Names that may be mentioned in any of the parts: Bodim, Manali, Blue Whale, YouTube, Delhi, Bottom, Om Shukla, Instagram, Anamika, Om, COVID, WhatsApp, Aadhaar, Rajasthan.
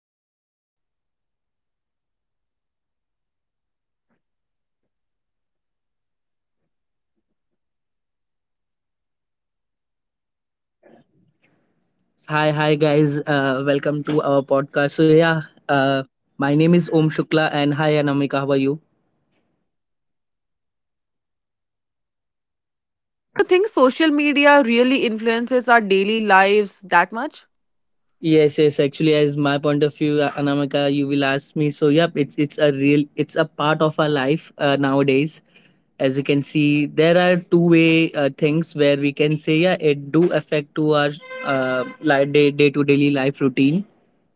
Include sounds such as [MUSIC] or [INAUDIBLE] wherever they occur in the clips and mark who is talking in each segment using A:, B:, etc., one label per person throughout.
A: podcast. This is Anamika, and I have Om with me today. And today we will be doing we will be discussing about the topic which is influences of social media.
B: Hi, hi guys. Welcome to our podcast. Uh, my name is Om Shukla, and hi Anamika, how are you?
A: [LAUGHS] Hi, Om. So, Om, do you think social media really influences our daily lives that much?
B: Yes. Actually, as my point of view, Anamika, you will ask me. So, yep, it's a real, it's a part of our life nowadays. As you can see, there are two way things where we can say, yeah, it do affect to our like day to daily life routine.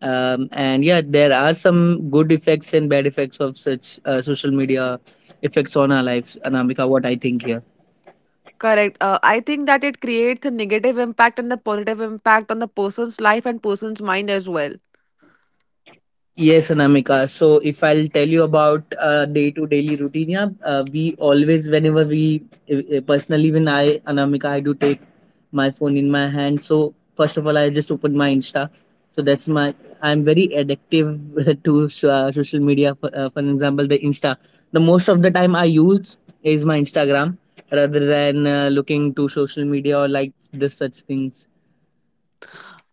B: And yeah, there are some good effects and bad effects of such social media effects on our lives, Anamika. What I think here.
A: Correct. I think that it creates a negative impact and a positive impact on the person's life and person's mind as well.
B: Yes, Anamika. So if I'll tell you about day-to-daily routine, yeah, we always, whenever we, personally, even I, Anamika, I do take my phone in my hand. So first of all, I just open my Insta. So that's my, I'm very addictive [LAUGHS] to social media. For example, the Insta. The most of the time I use is my Instagram rather than looking to social media or like this such things.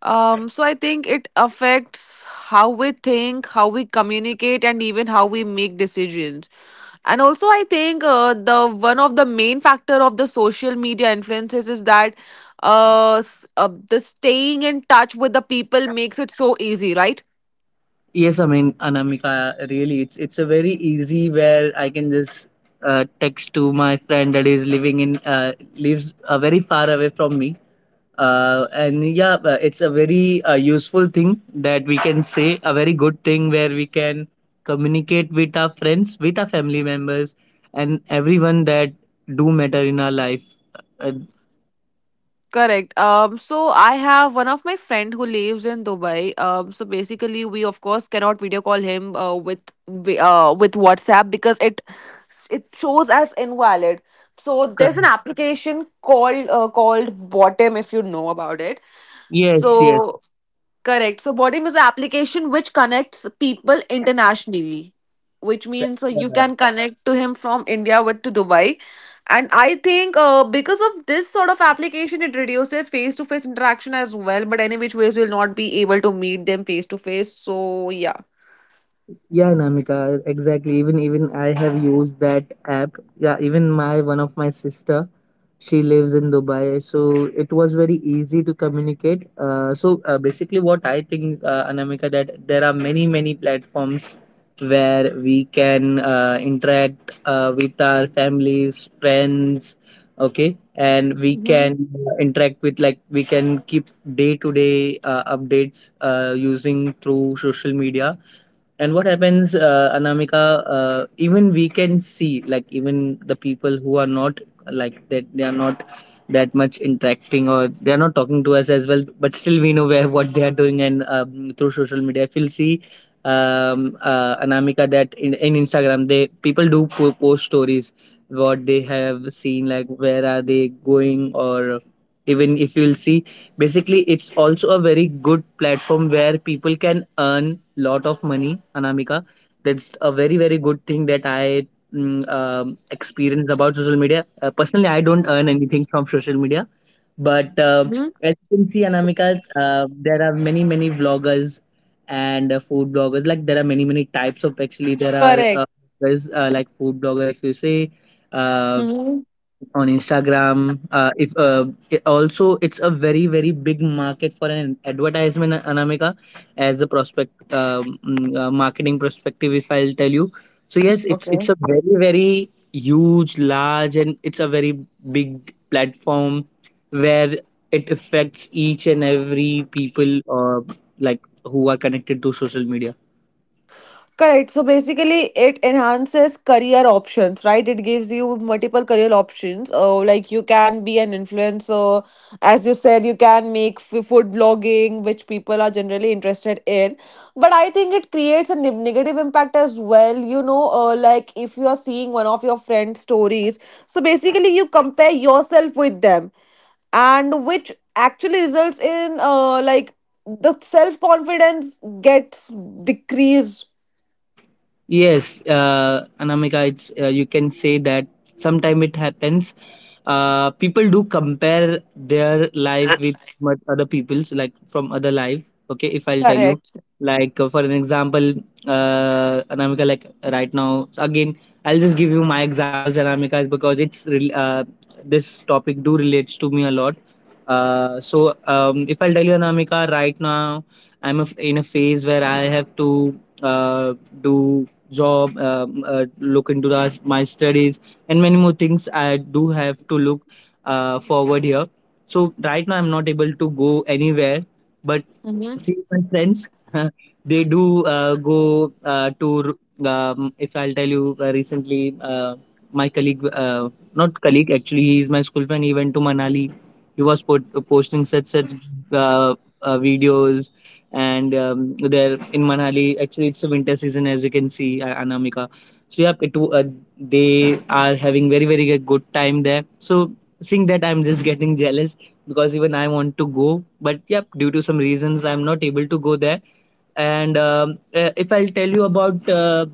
A: So I think it affects how we think, how we communicate, and even how we make decisions. And also, I think the one of the main factor of the social media influences is that the staying in touch with the people makes it so easy, right?
B: Yes, I mean, Anamika, really, it's a very easy where I can just text to my friend that is living in lives very far away from me. It's a very useful thing that we can say a very good thing where we can communicate with our friends, with our family members, and everyone that do matter in our life. Uh,
A: Correct. So I have one of my friend who lives in Dubai. So basically, we of course cannot video call him with with WhatsApp because it shows as invalid. So there's an
B: cor-
A: application called called Bottom if you know about it.
B: yes,
A: So correct. So Bodim is an application which connects people internationally, which means
B: yes.
A: you can connect to him from India with to Dubai. And I think because of this sort of application, it reduces face to face interaction as well. But any which ways, we'll not be able to meet them face to face. So yeah.
B: Yeah, Namika, exactly. Even I have used that app. Yeah, even my one of my sister, she lives in Dubai, so it was very easy to communicate. Basically, what I think, Anamika, that there are many platforms where we can interact with our families, friends, okay, and we
A: Mm-hmm.
B: can interact with like we can keep day to day updates using through social media. And what happens, Anamika, even we can see, like, even the people who are not like that, they are not that much interacting or they are not talking to us as well, but still we know where what they are doing. And through social media, if you'll see, Anamika, that in Instagram, they people do post stories what they have seen, like, where are they going, or even if you'll see basically it's also a very good platform where people can earn lot of money, Anamika. That's a very good thing that I experience about social media. Personally I don't earn anything from social media, but as you can see, Anamika, there are many vloggers and food bloggers. Like there are many types of, actually there are
A: Correct.
B: there's like food blogger if you say uh,
A: Mm-hmm.
B: on Instagram. If It also it's a very big market for an advertisement, Anamika, as a prospect marketing perspective. If I'll tell you, so yes, it's a very huge, large, and it's a very big platform where it affects each and every people like who are connected to social media.
A: Correct. So basically, it enhances career options, right? It gives you multiple career options. Like you can be an influencer, as you said, you can make food vlogging, which people are generally interested in. But I think it creates a negative impact as well. You know, like if you are seeing one of your friends' stories, so basically you compare yourself with them, and which actually results in like the self confidence gets decreased.
B: Yes, Anamika, it's you can say that sometime it happens. People do compare their life with what other people's, like from other life. Okay, if I'll tell you,
A: Correct.
B: like for an example, Anamika, like right now, again, I'll just give you my examples, Anamika, is because this topic do relates to me a lot. If I'll tell you, Anamika, right now I'm a, in a phase where I have to do job, look into that, my studies, and many more things I do have to look forward here. So right now I'm not able to go anywhere, but
A: Mm-hmm.
B: see my friends, [LAUGHS] they do go to. If I'll tell you recently, my colleague, not colleague actually, he is my school friend. He went to Manali. He was put, posting such uh, videos. And there in Manali, actually it's a winter season as you can see, Anamika. So yeah, they are having very good good time there. So seeing that, I'm just getting [LAUGHS] jealous because even I want to go, but yeah, due to some reasons, I'm not able to go there. And if I'll tell you about uh,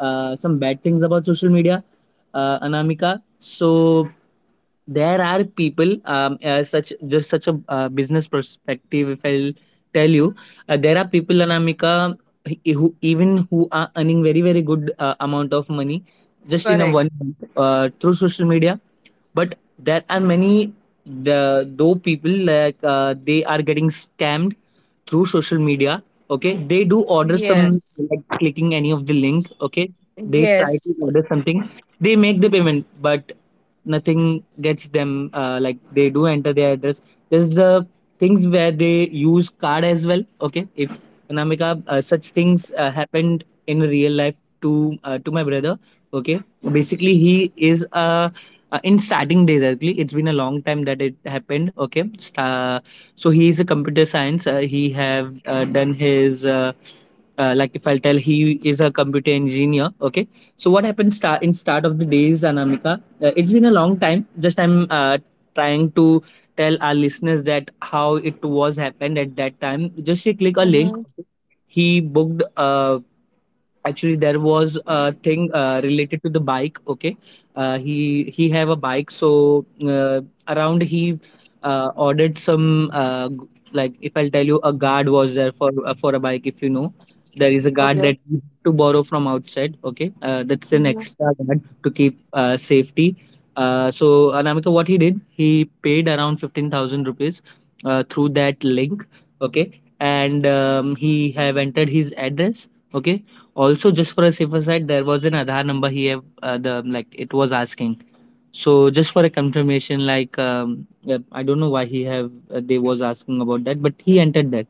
B: uh, some bad things about social media, Anamika. So there are people such just such a business perspective, if I'll tell you there are people in America who even who are earning very good amount of money just in a
A: Correct.
B: 1 month through social media, but there are many the though people, like they are getting scammed through social media. Okay, they do order some,
A: Yes.
B: like clicking any of the link. Okay, they try to
A: Yes.
B: order something, they make the payment, but nothing gets them. Like they do enter their address, there's the things where they use card as well. Okay, if Namika, such things happened in real life to my brother. Okay, basically he is a in starting days, actually it's been a long time that it happened. Okay, uh, so he is a computer science, he have done his like if I'll tell, he is a computer engineer. Okay, so what happened start in start of the days, Anamika, it's been a long time, just I'm trying to tell our listeners that how it was happened at that time. Just she click a link,
A: Mm-hmm.
B: he booked a, actually there was a thing related to the bike. Okay, he have a bike. So uh, around he ordered some like if I'll tell you, a guard was there for a bike. If you know, there is a guard
A: Okay.
B: that you have to borrow from outside. Okay, that's an extra guard to keep safety. uh, so Anamika, what he did, he paid around 15,000 rupees through that link. Okay, and he have entered his address. Okay, also, just for a safer side, there was an Aadhaar number he have the like it was asking. So just for a confirmation, like yeah, I don't know why he have they was asking about that, but he entered that.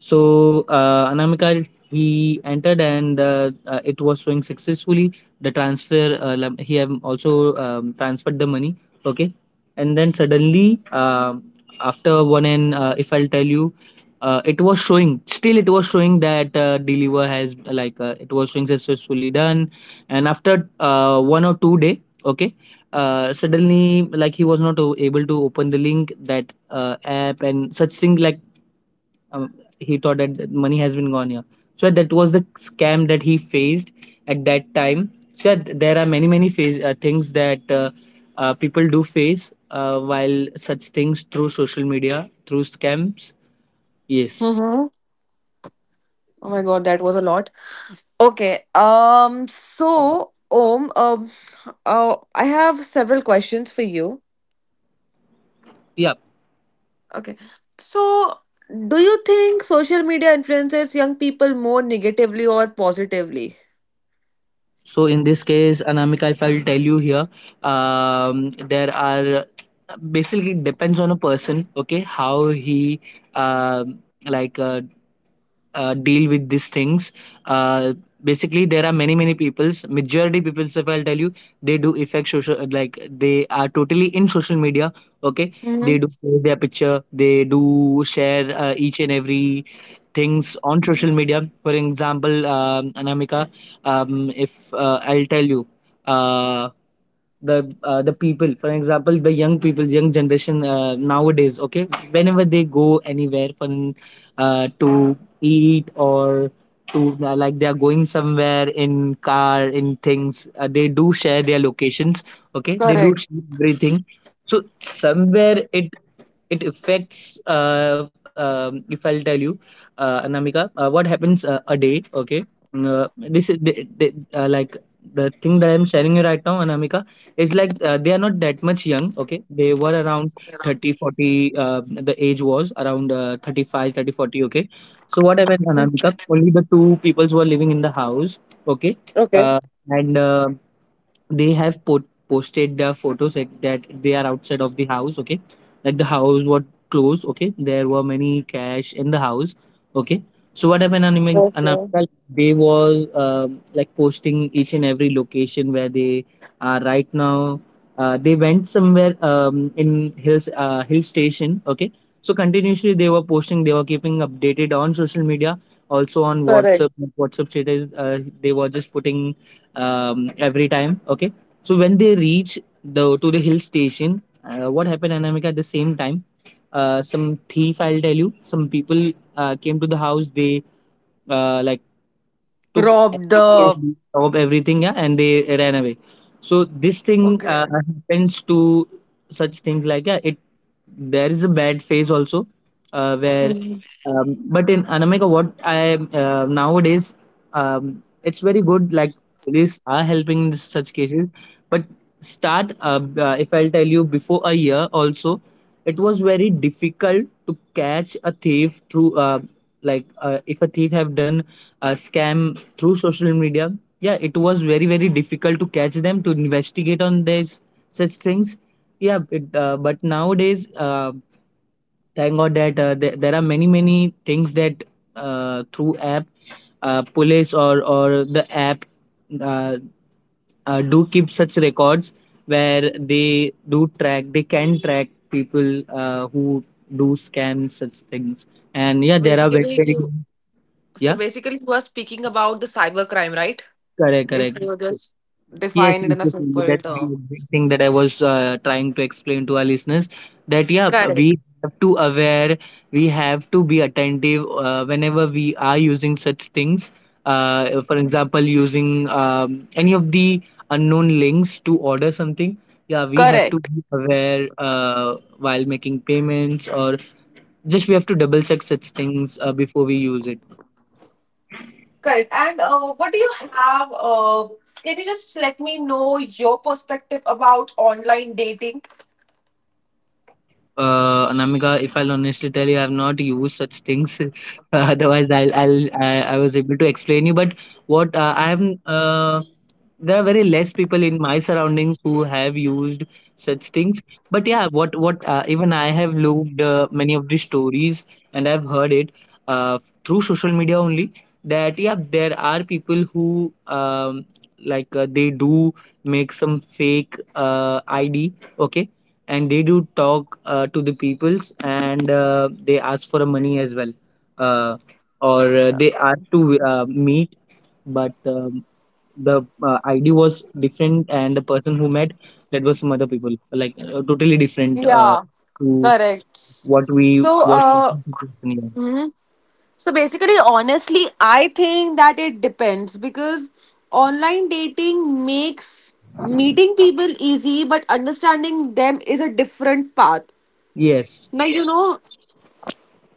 B: So Anamika, he entered, and it was showing successfully the transfer. He have also transferred the money. Okay, and then suddenly after one, and if I'll tell you, it was showing. Still, it was showing that deliver has it was showing successfully done. And after 1 or 2 day, okay, suddenly like he was not able to open the link, that app and such thing. Um, he thought that that money has been gone here, so yeah, that was the scam that he faced at that time. So there are many things that people do face while such things through social media, through scams. Yes.
A: Mm-hmm. Oh my god, that was a lot. Okay. So, Om. I have several questions for you.
B: Yeah.
A: Okay. So, do you think social media influences young people more negatively or positively?
B: So in this case, Anamika, if I'll tell you here, there are basically it depends on a person. Okay, how he um like uh, deal with these things. Uh, Basically, there are many peoples. Majority peoples, if I'll tell you, they do affect social like they are totally in social media. Okay,
A: Mm-hmm.
B: they do post their picture, they do share each and every things on social media. For example, Anamika, if I'll tell you, uh, the people, for example, the young people, young generation nowadays, okay, whenever they go anywhere to eat or to like they are going somewhere in car in things, they do share their locations, okay, they do
A: Correct.
B: share everything. So somewhere it affects if I'll tell you, Anamika, what happens a day, okay, this is the like the thing that I'm sharing you right now, Anamika, is like they are not that much young. Okay, they were around 30, 40. The age was around 35, 30, 40. Okay, so what happened, Anamika? Only the two peoples were living in the house. Okay.
A: Okay.
B: uh, and They have put posted their photos like that they are outside of the house. Okay, like the house was closed. Okay, there were many cash in the house. Okay, so what happened, Anamika?
A: Okay.
B: They was like posting each and every location where they are right now. They went somewhere in hills, hill station. Okay, so continuously they were posting, they were keeping updated on social media, also on
A: Correct.
B: whatsapp, whatsapp status they were just putting every time. Okay. So when they reach the to the hill station, what happened, Anamika? At the same time, some thief, I'll tell you, some people came to the house. They uh, like took
A: Rob
B: everything
A: the.
B: and robbed everything, yeah, and they ran away. So this thing
A: Okay.
B: happens to such things like yeah, it there is a bad phase also where
A: Hmm.
B: but in Anamika what I nowadays it's very good, like police are helping in such cases, but start if I'll tell you, before a year also it was very difficult to catch a thief through if a thief have done a scam through social media. Yeah, it was very very difficult to catch them, to investigate on this such things. But nowadays thank god that there are many many things that through app police or the app uh, do keep such records where they can track people who do scams such things. And yeah,
A: So
B: there are very
A: basically,
B: very
A: you So
B: yeah.
A: basically, you are speaking about the cyber crime, right?
B: Correct,
A: If
B: correct.
A: you just
B: Yes,
A: define it
B: yes,
A: in a
B: yes, yes,
A: simple
B: that's the
A: term.
B: big thing that I was trying to explain to our listeners, that yeah,
A: Correct.
B: we have to aware, we have to be attentive whenever we are using such things. For example, using any of the unknown links to order something. Yeah, we have to
A: Correct.
B: be aware while making payments, or just we have to double check such things before we use it.
A: Correct. And what do you have? Can you just let me know your perspective about online dating?
B: Anamika, if I'll honestly tell you, I've not used such things. [LAUGHS] Otherwise, I was able to explain you. But what uh, I am, uh, there are very less people in my surroundings who have used such things. But yeah, what even I have looked many of the stories and I've heard it uh, through social media only. That yeah, there are people who they do make some fake ID. Okay. And they do talk to the peoples and they ask for money as well, uh, or they ask to meet, but the id was different, and the person who met, that was some other people, like totally different
A: Yeah.
B: to
A: Correct.
B: what we
A: So,
B: was talking to this person.
A: mhm. So basically, honestly, I think that it depends because online dating makes meeting people easy, but understanding them is a different path.
B: Yes,
A: Now, you know,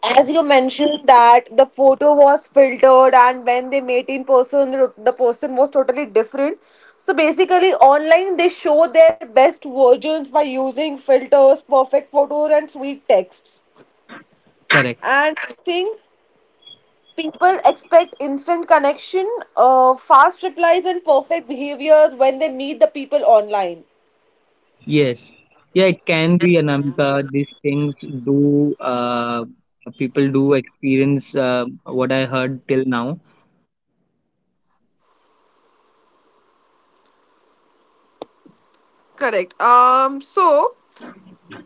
A: as you mentioned that the photo was filtered and when they met in person, the person was totally different. So basically, online they show their best versions by using filters, perfect photos, and sweet texts.
B: correct.
A: And I think people expect instant connection, fast replies, and perfect behaviors when they meet the people online.
B: Yes. Yeah, it can be, Anamika, these things do people do experience what I heard till now.
A: Correct. So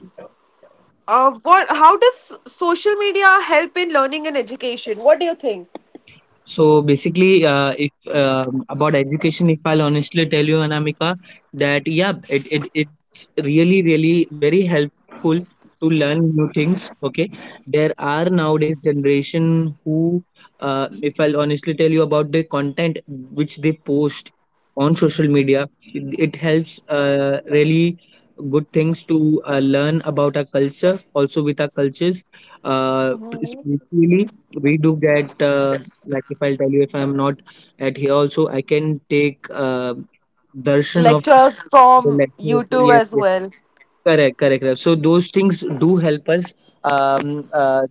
A: What? How does social media help in learning and education? What do you think?
B: So basically, if about education, if I'll honestly tell you, Anamika, that yeah, it's really really very helpful to learn new things. Okay, there are nowadays generation who, if I'll honestly tell you about the content which they post on social media, it helps really good things to learn about our culture also with our cultures uh, especially we do get. Like if I'll tell you, if I'm not at here also, I can take darshan of.
A: Lectures
B: The
A: from
B: lecture.
A: YouTube
B: Yes,
A: as
B: yes.
A: well.
B: Correct, correct, correct. So those things do help us um, uh,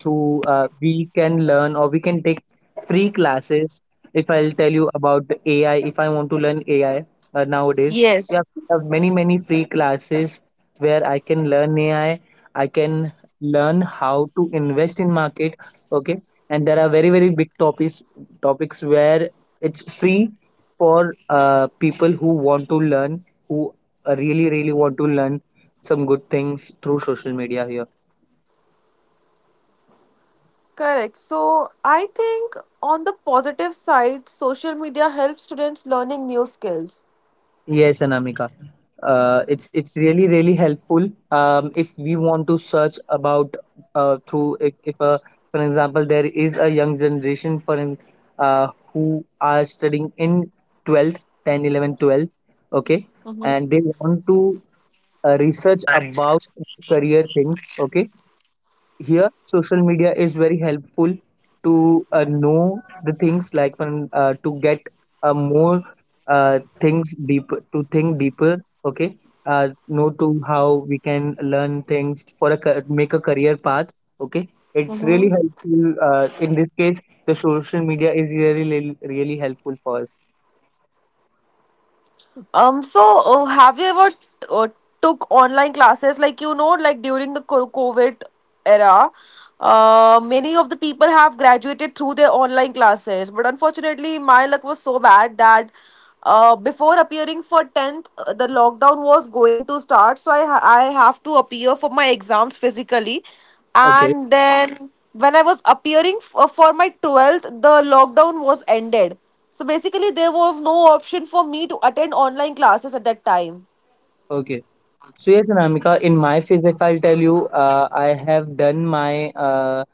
B: through we can learn or we can take free classes. If I'll tell you about the AI, if I want to learn AI nowadays,
A: Yes.
B: we have many many free classes where I can learn AI. I can learn how to invest in market. Okay, and there are very very big topics, where it's free for people who want to learn, who really really want to learn some good things through social media here.
A: Correct. So I think on the positive side, social media helps students learning new skills.
B: Yes, Anamika. It's really really helpful. If we want to search about, through if a for example, there is a young generation who are studying in 12th, 11th, 12th, okay, and they want to research about career things, okay, here social media is very helpful to know the things, like when to get more things deeper, to think deeper. Okay, know to how we can learn things for make a career path. Okay, it's really
A: Mm-hmm.
B: helpful in this case. The social media is really really really helpful for us.
A: So have you ever uh, took online classes? Like you know, like during the COVID era, many of the people have graduated through their online classes. But unfortunately, my luck was so bad that before appearing for tenth, the lockdown was going to start. So I have to appear for my exams physically,
B: Okay.
A: and then when I was appearing for my 12th, the lockdown was ended. So basically, there was no option for me to attend online classes at that time.
B: Okay, so yes, Anamika, in my phase, if I'll tell you, I have done my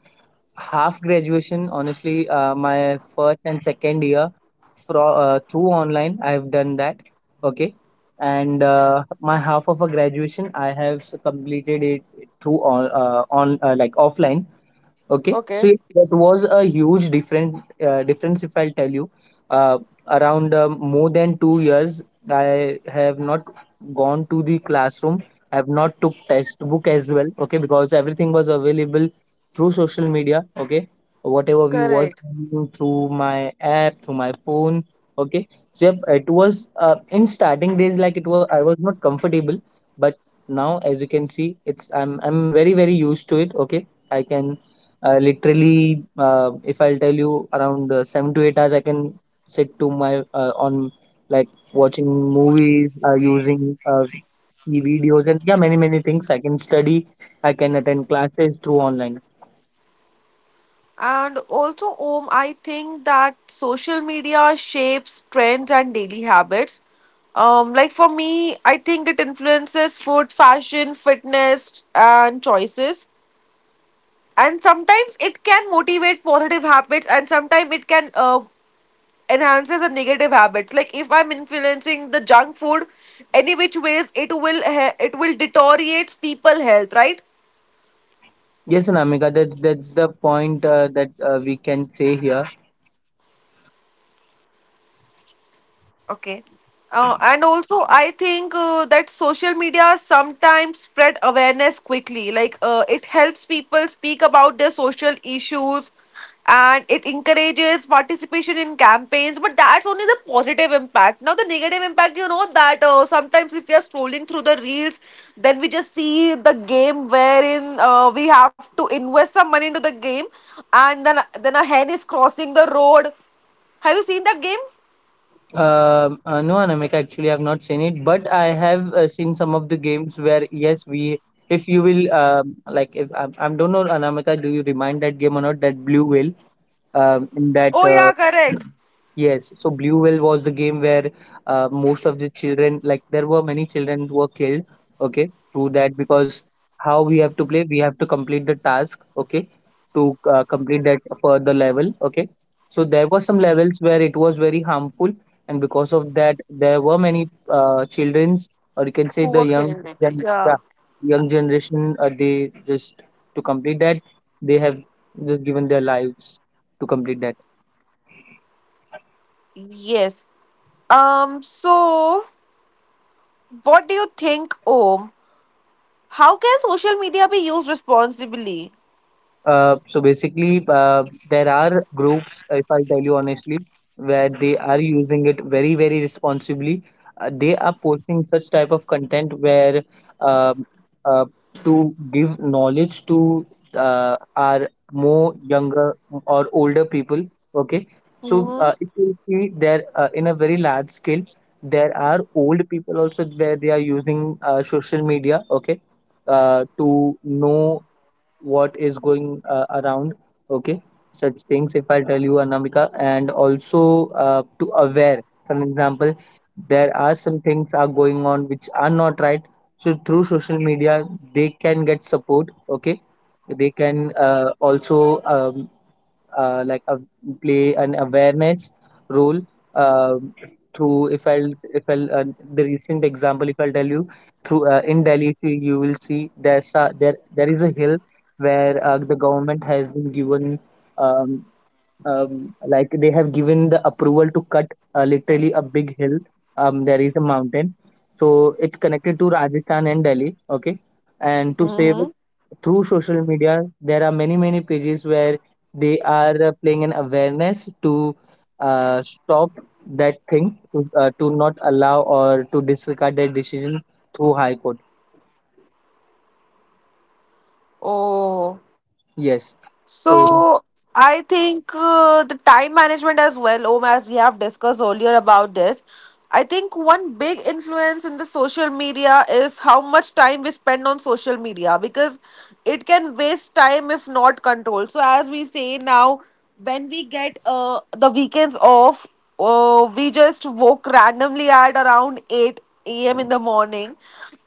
B: half graduation, honestly, my first and second year through online I've done that. Okay. And my half of a graduation I have completed it through on like offline. Okay, so
A: Okay.
B: yeah, that was a huge different difference, if I'll tell you. Uh, Around more than 2 years, I have not gone to the classroom. I have not took textbook as well. Okay, because everything was available through social media. Okay, whatever we was
A: Correct.
B: learning through my app, through my phone. Okay, so yep, it was in starting days, like it was, I was not comfortable, but now, as you can see, it's I'm very very used to it. Okay. I can literally, if I'll tell you, around 7 to 8 hours, I can sit to my on like watching movies, using e videos, and yeah, many many things. I can study, I can attend classes through online.
A: And also, Om, I think that social media shapes trends and daily habits. Like for me, I think it influences food, fashion, fitness, and choices. And sometimes it can motivate positive habits, and sometimes it can enhances the negative habits. Like if I'm influencing the junk food, any which ways it will it will deteriorates people health, right?
B: Yes, Anamika, that's the point that we can say here.
A: Okay. And also, I think that social media sometimes spread awareness quickly. Like it helps people speak about their social issues, and it encourages participation in campaigns. But that's only the positive impact. Now, the negative impact, you know, that sometimes if we are scrolling through the reels, then we just see the game wherein we have to invest some money into the game, and then a hen is crossing the road. Have you seen that game?
B: No, Anamika, actually, I've not seen it, but I have seen some of the games where, yes, we if you will like if I, I don't know, Anamika, do you remind that game or not? That Blue Whale in that
A: Oh yeah, correct.
B: yes, so Blue Whale was the game where most of the children, like there were many children who were killed, okay, through that. Because how we have to play, we have to complete the task, okay, to complete that further level, okay. So there were some levels where it was very harmful, and because of that, there were many childrens, or you can say
A: Who
B: the
A: were
B: young
A: killed.
B: gen yeah,
A: Yeah.
B: young generation, they just to complete that, they have just given their lives to complete that.
A: Yes. So, what do you think, Om? How can social media be used responsibly?
B: So basically, there are groups, if I tell you honestly, where they are using it very, very responsibly. They are posting such type of content where um uh, to give knowledge to our more younger or older people. Okay, so if
A: Mm-hmm.
B: you see there in a very large scale, there are old people also where they are using social media. Okay, to know what is going around. Okay, such things, if I tell you, Anamika. And also, to aware, for an example, there are some things are going on which are not right, so through social media they can get support. Okay, they can also like a, play an awareness role uh, through if I'll the recent example, if I'll tell you, through in Delhi, if you will see, there's a, there is a hill where the government has been given um, like they have given the approval to cut literally a big hill. There is a mountain, so it's connected to Rajasthan and Delhi. Okay, and to save it,
A: Mm-hmm.
B: through social media there are many many pages where they are playing an awareness to stop that thing, to not allow, or to disregard that decision through High Court.
A: Oh.
B: Yes, so
A: So I think the time management as well, Om, as we have discussed earlier about this. I think one big influence in the social media is how much time we spend on social media because it can waste time if not controlled. So as we say now, when we get the weekends off, oh, we just woke randomly at around 8 a.m. in the morning.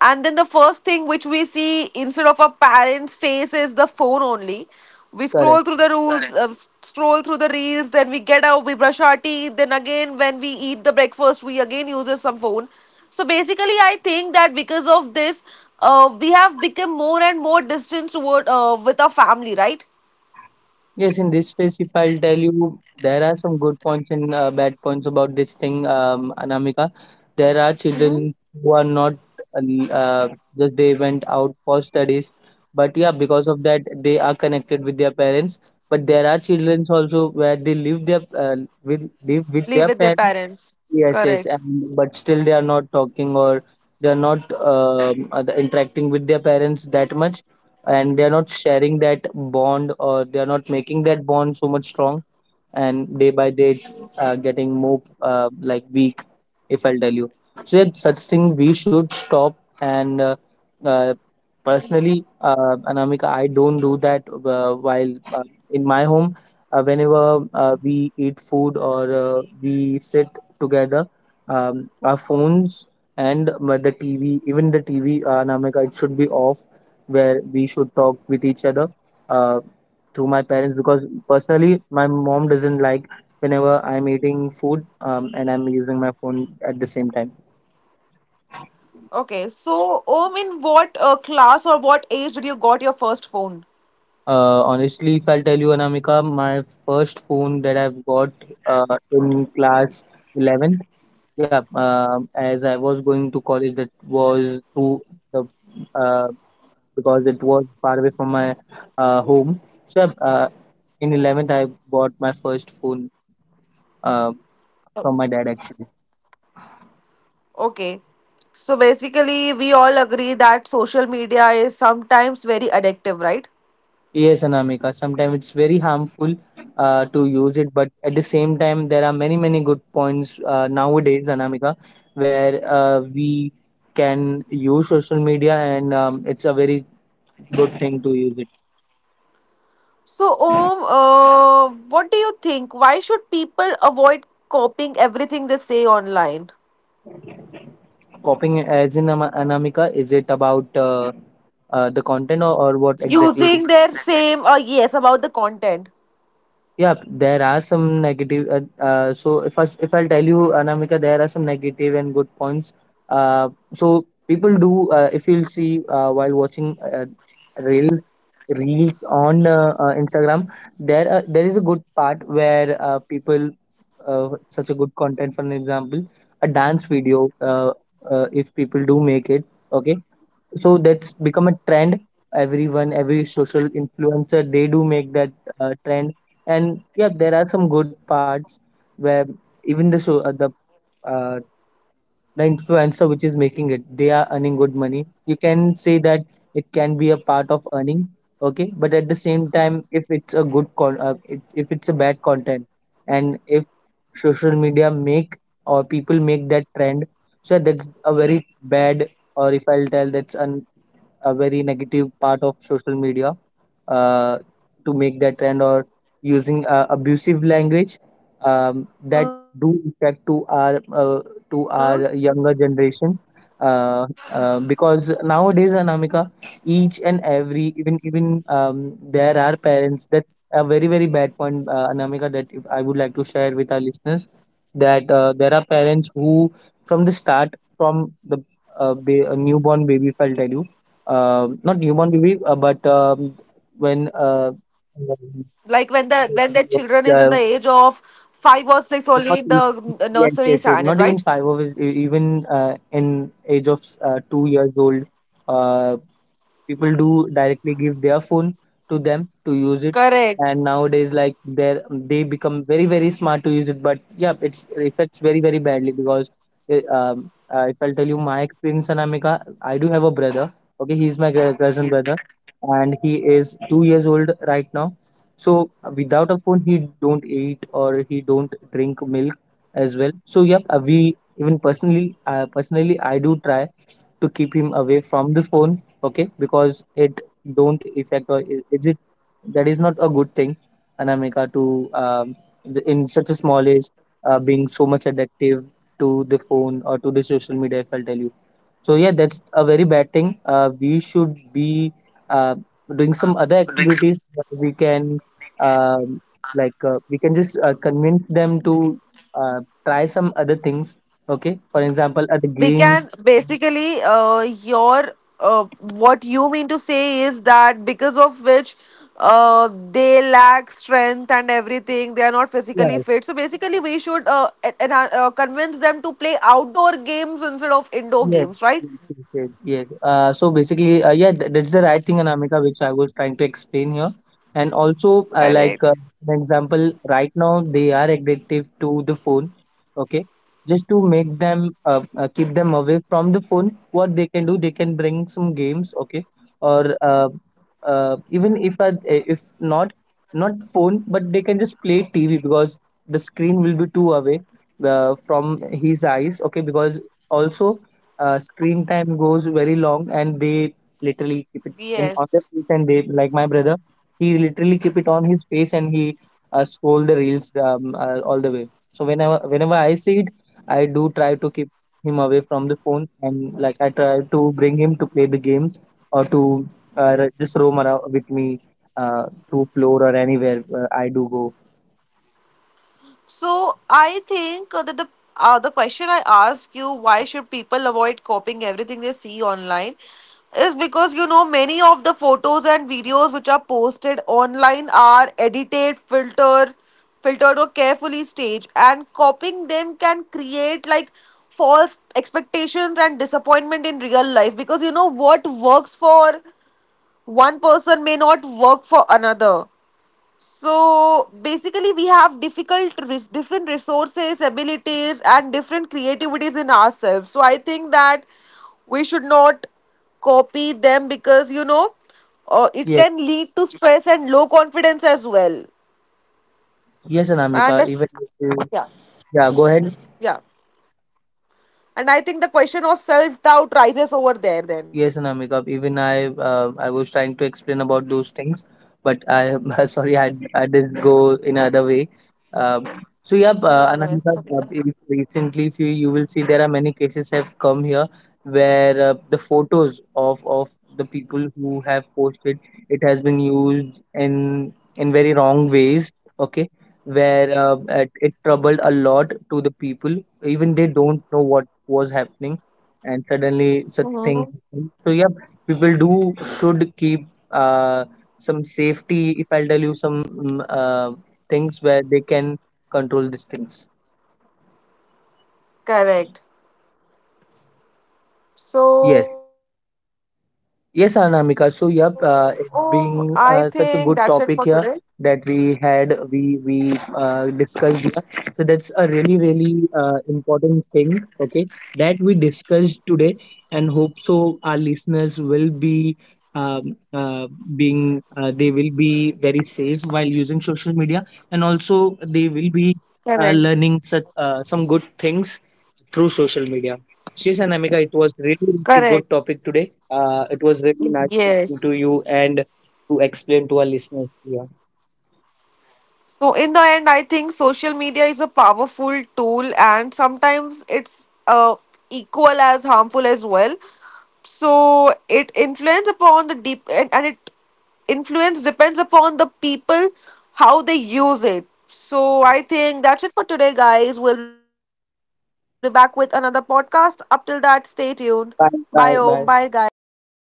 A: And then the first thing which we see instead of our parents' face is the phone only. We
B: correct.
A: scroll through the rules, correct, scroll through the reels, then we get out, we brush our teeth, then again when we eat the breakfast, we again use some phone. So basically, I think that because of this, we have become more and more distant toward with our family, right?
B: Yes, in this space, if I'll tell you, there are some good points and bad points about this thing, Anamika. There are
A: Mm-hmm.
B: children who are not uh, uh, just they went out for studies, but yeah, because of that, they are connected with their parents. But there are children also where they live their with live with
A: Live
B: their
A: with their
B: parents.
A: parents.
B: Yes, yes.
A: Correct.
B: And but still they are not talking, or they are not interacting with their parents that much, and they are not sharing that bond, or they are not making that bond so much strong, and day by day it's getting more like weak, if I'll tell you. So yeah, such thing we should stop. And uh, personally, Anamika, I don't do that while in my home. Whenever we eat food, or we sit together, our phones and the TV, even the TV, Namika, it should be off, where we should talk with each other uh, through my parents. Because personally, my mom doesn't like whenever I'm eating food and I'm using my phone at the same time.
A: Okay, so Om, in what class or what age did you got your first phone?
B: Honestly, if I'll tell you, Anamika, my first phone that I've got uh, in class 11th, yeah, as I was going to college, that was through the uh, because it was far away from my home. So in 11th, I bought my first phone uh, from my dad actually.
A: Okay, so basically we all agree that social media is sometimes very addictive, right?
B: Yes, Anamika, sometimes it's very harmful to use it, but at the same time, there are many, many good points nowadays, Anamika, where we can use social media, and it's a very good thing to use it.
A: So Om, what do you think? Why should people avoid copying everything they say online?
B: Copying as in Anamika, is it about the content, or what exactly?
A: Using their same yes, about the content.
B: Yeah, there are some negative. So if I'll tell you, Anamika, there are some negative and good points. So people do if you'll see while watching reels reels on Instagram, there is a good part where people such a good content. For an example, a dance video. If people do make it, okay, so that's become a trend. Everyone, every social influencer, they do make that trend. And yeah, there are some good parts where even the show, uh, the influencer which is making it, they are earning good money. You can say that it can be a part of earning, okay. But at the same time, if it's a good con, if it's a bad content, and if social media make or people make that trend, so that's a very bad, or if I'll tell, that's a very negative part of social media uh, to make that trend or using abusive language,
A: Uh
B: that
A: huh.
B: do affect to our younger generation uh, because nowadays, Anamika, each and every, even even there are parents, that's a very, very bad point, Anamika, that if I would like to share with our listeners that there are parents who from the start, a newborn baby, if I'll tell you, not newborn baby, but when
A: Like when the
B: not
A: children is in the age of five or six, only in the nursery
B: even
A: standard, right?
B: yes, yes, yes, not even five of his, even in age of 2 years old, uh, people do directly give their phone to them to use it.
A: Correct.
B: And nowadays, like, they become very, very smart to use it, but yeah, it affects very, very badly because if I'll tell you my experience, Anamika, I do have a brother, okay, he's my cousin brother, and he is 2 years old right now. So without a phone, he don't eat or he don't drink milk as well. So yeah, we, even personally, personally, I do try to keep him away from the phone, okay, because it don't affect, is it that is not a good thing, Anamika, to um, in such a small age being so much addictive to the phone or to the social media, if I'll tell you. So yeah, that's a very bad thing. We should be uh, doing some other activities that we can, um, we can just convince them to uh, try some other things, okay, for example, other
A: We
B: games.
A: can basically your what you mean to say is that because of which they lack strength and everything, they are not
B: Yeah,
A: physically fit. So basically we should convince them to play outdoor games instead of indoor
B: yes,
A: games, right?
B: yes, yes, yes, yes. So basically, yeah, th that's the right thing, Anamika, which I was trying to explain here. And also,
A: Correct.
B: an example, right now they are addictive to the phone. Okay, just to make them keep them away from the phone, what they can do, they can bring some games. Okay, or even if not phone, but they can just play TV, because the screen will be too away from his eyes. Okay, because also screen time goes very long, and they literally keep it in on their
A: Yes.
B: face, and they, like my brother, he literally keep it on his face, and he scroll the reels, all the way. So whenever I see it, I do try to keep him away from the phone, and, like, I try to bring him to play the games, or to just roam around with me uh, to floor or anywhere I do go.
A: So I think that the question I asked you, why should people avoid copying everything they see online, is because you know many of the photos and videos which are posted online are edited, filtered, filtered or carefully staged, and copying them can create like false expectations and disappointment in real life. Because you know, what works for one person may not work for another. So basically, we have difficult, different resources, abilities, and different creativities in ourselves. So I think that we should not copy them, because you know, it
B: Yes,
A: can lead to stress and low confidence as well.
B: yes, Anamika,
A: And as—
B: even if you- yeah, go
A: yeah,
B: ahead.
A: and I think the question of self doubt rises over there then.
B: Yes, Anamika, even I was trying to explain about those things, but I [LAUGHS] sorry, I just go in other way. Um, so yeah, Anamika, if recently, if you will see, there are many cases have come here where the photos of the people who have posted, it has been used in very wrong ways. Okay, where it troubled a lot to the people, even they don't know what was happening, and suddenly such
A: Mhm.
B: things. So yeah, people do should keep some safety. If I'll tell you some things where they can control these things.
A: Correct.
B: Yes.
A: So I
B: Yes,
A: think that's
B: Anamika.
A: it
B: So,
A: for
B: yep,
A: today.
B: it's being such a good topic here that we had, we discussed here. So that's a really, really important thing, okay, that we discussed today, and hope so our listeners will be um, uh, being they will be very safe while using social media, and also they will
A: Correct.
B: be learning such some good things through social media. So, yes, Anamika, it was really,
A: Correct.
B: really a good topic today. It was really nice
A: Yes.
B: talking to you and to explain to our listeners here.
A: So, in the end, I think social media is a powerful tool, and sometimes it's equal as harmful as well. So, it influence upon the deep and it influence depends upon the people how they use it. So, I think that's it for today, guys. We'll be back with another podcast. Up till that, stay tuned. Bye, Om. Bye,
B: Bye.
A: guys.
B: Bye. Bye.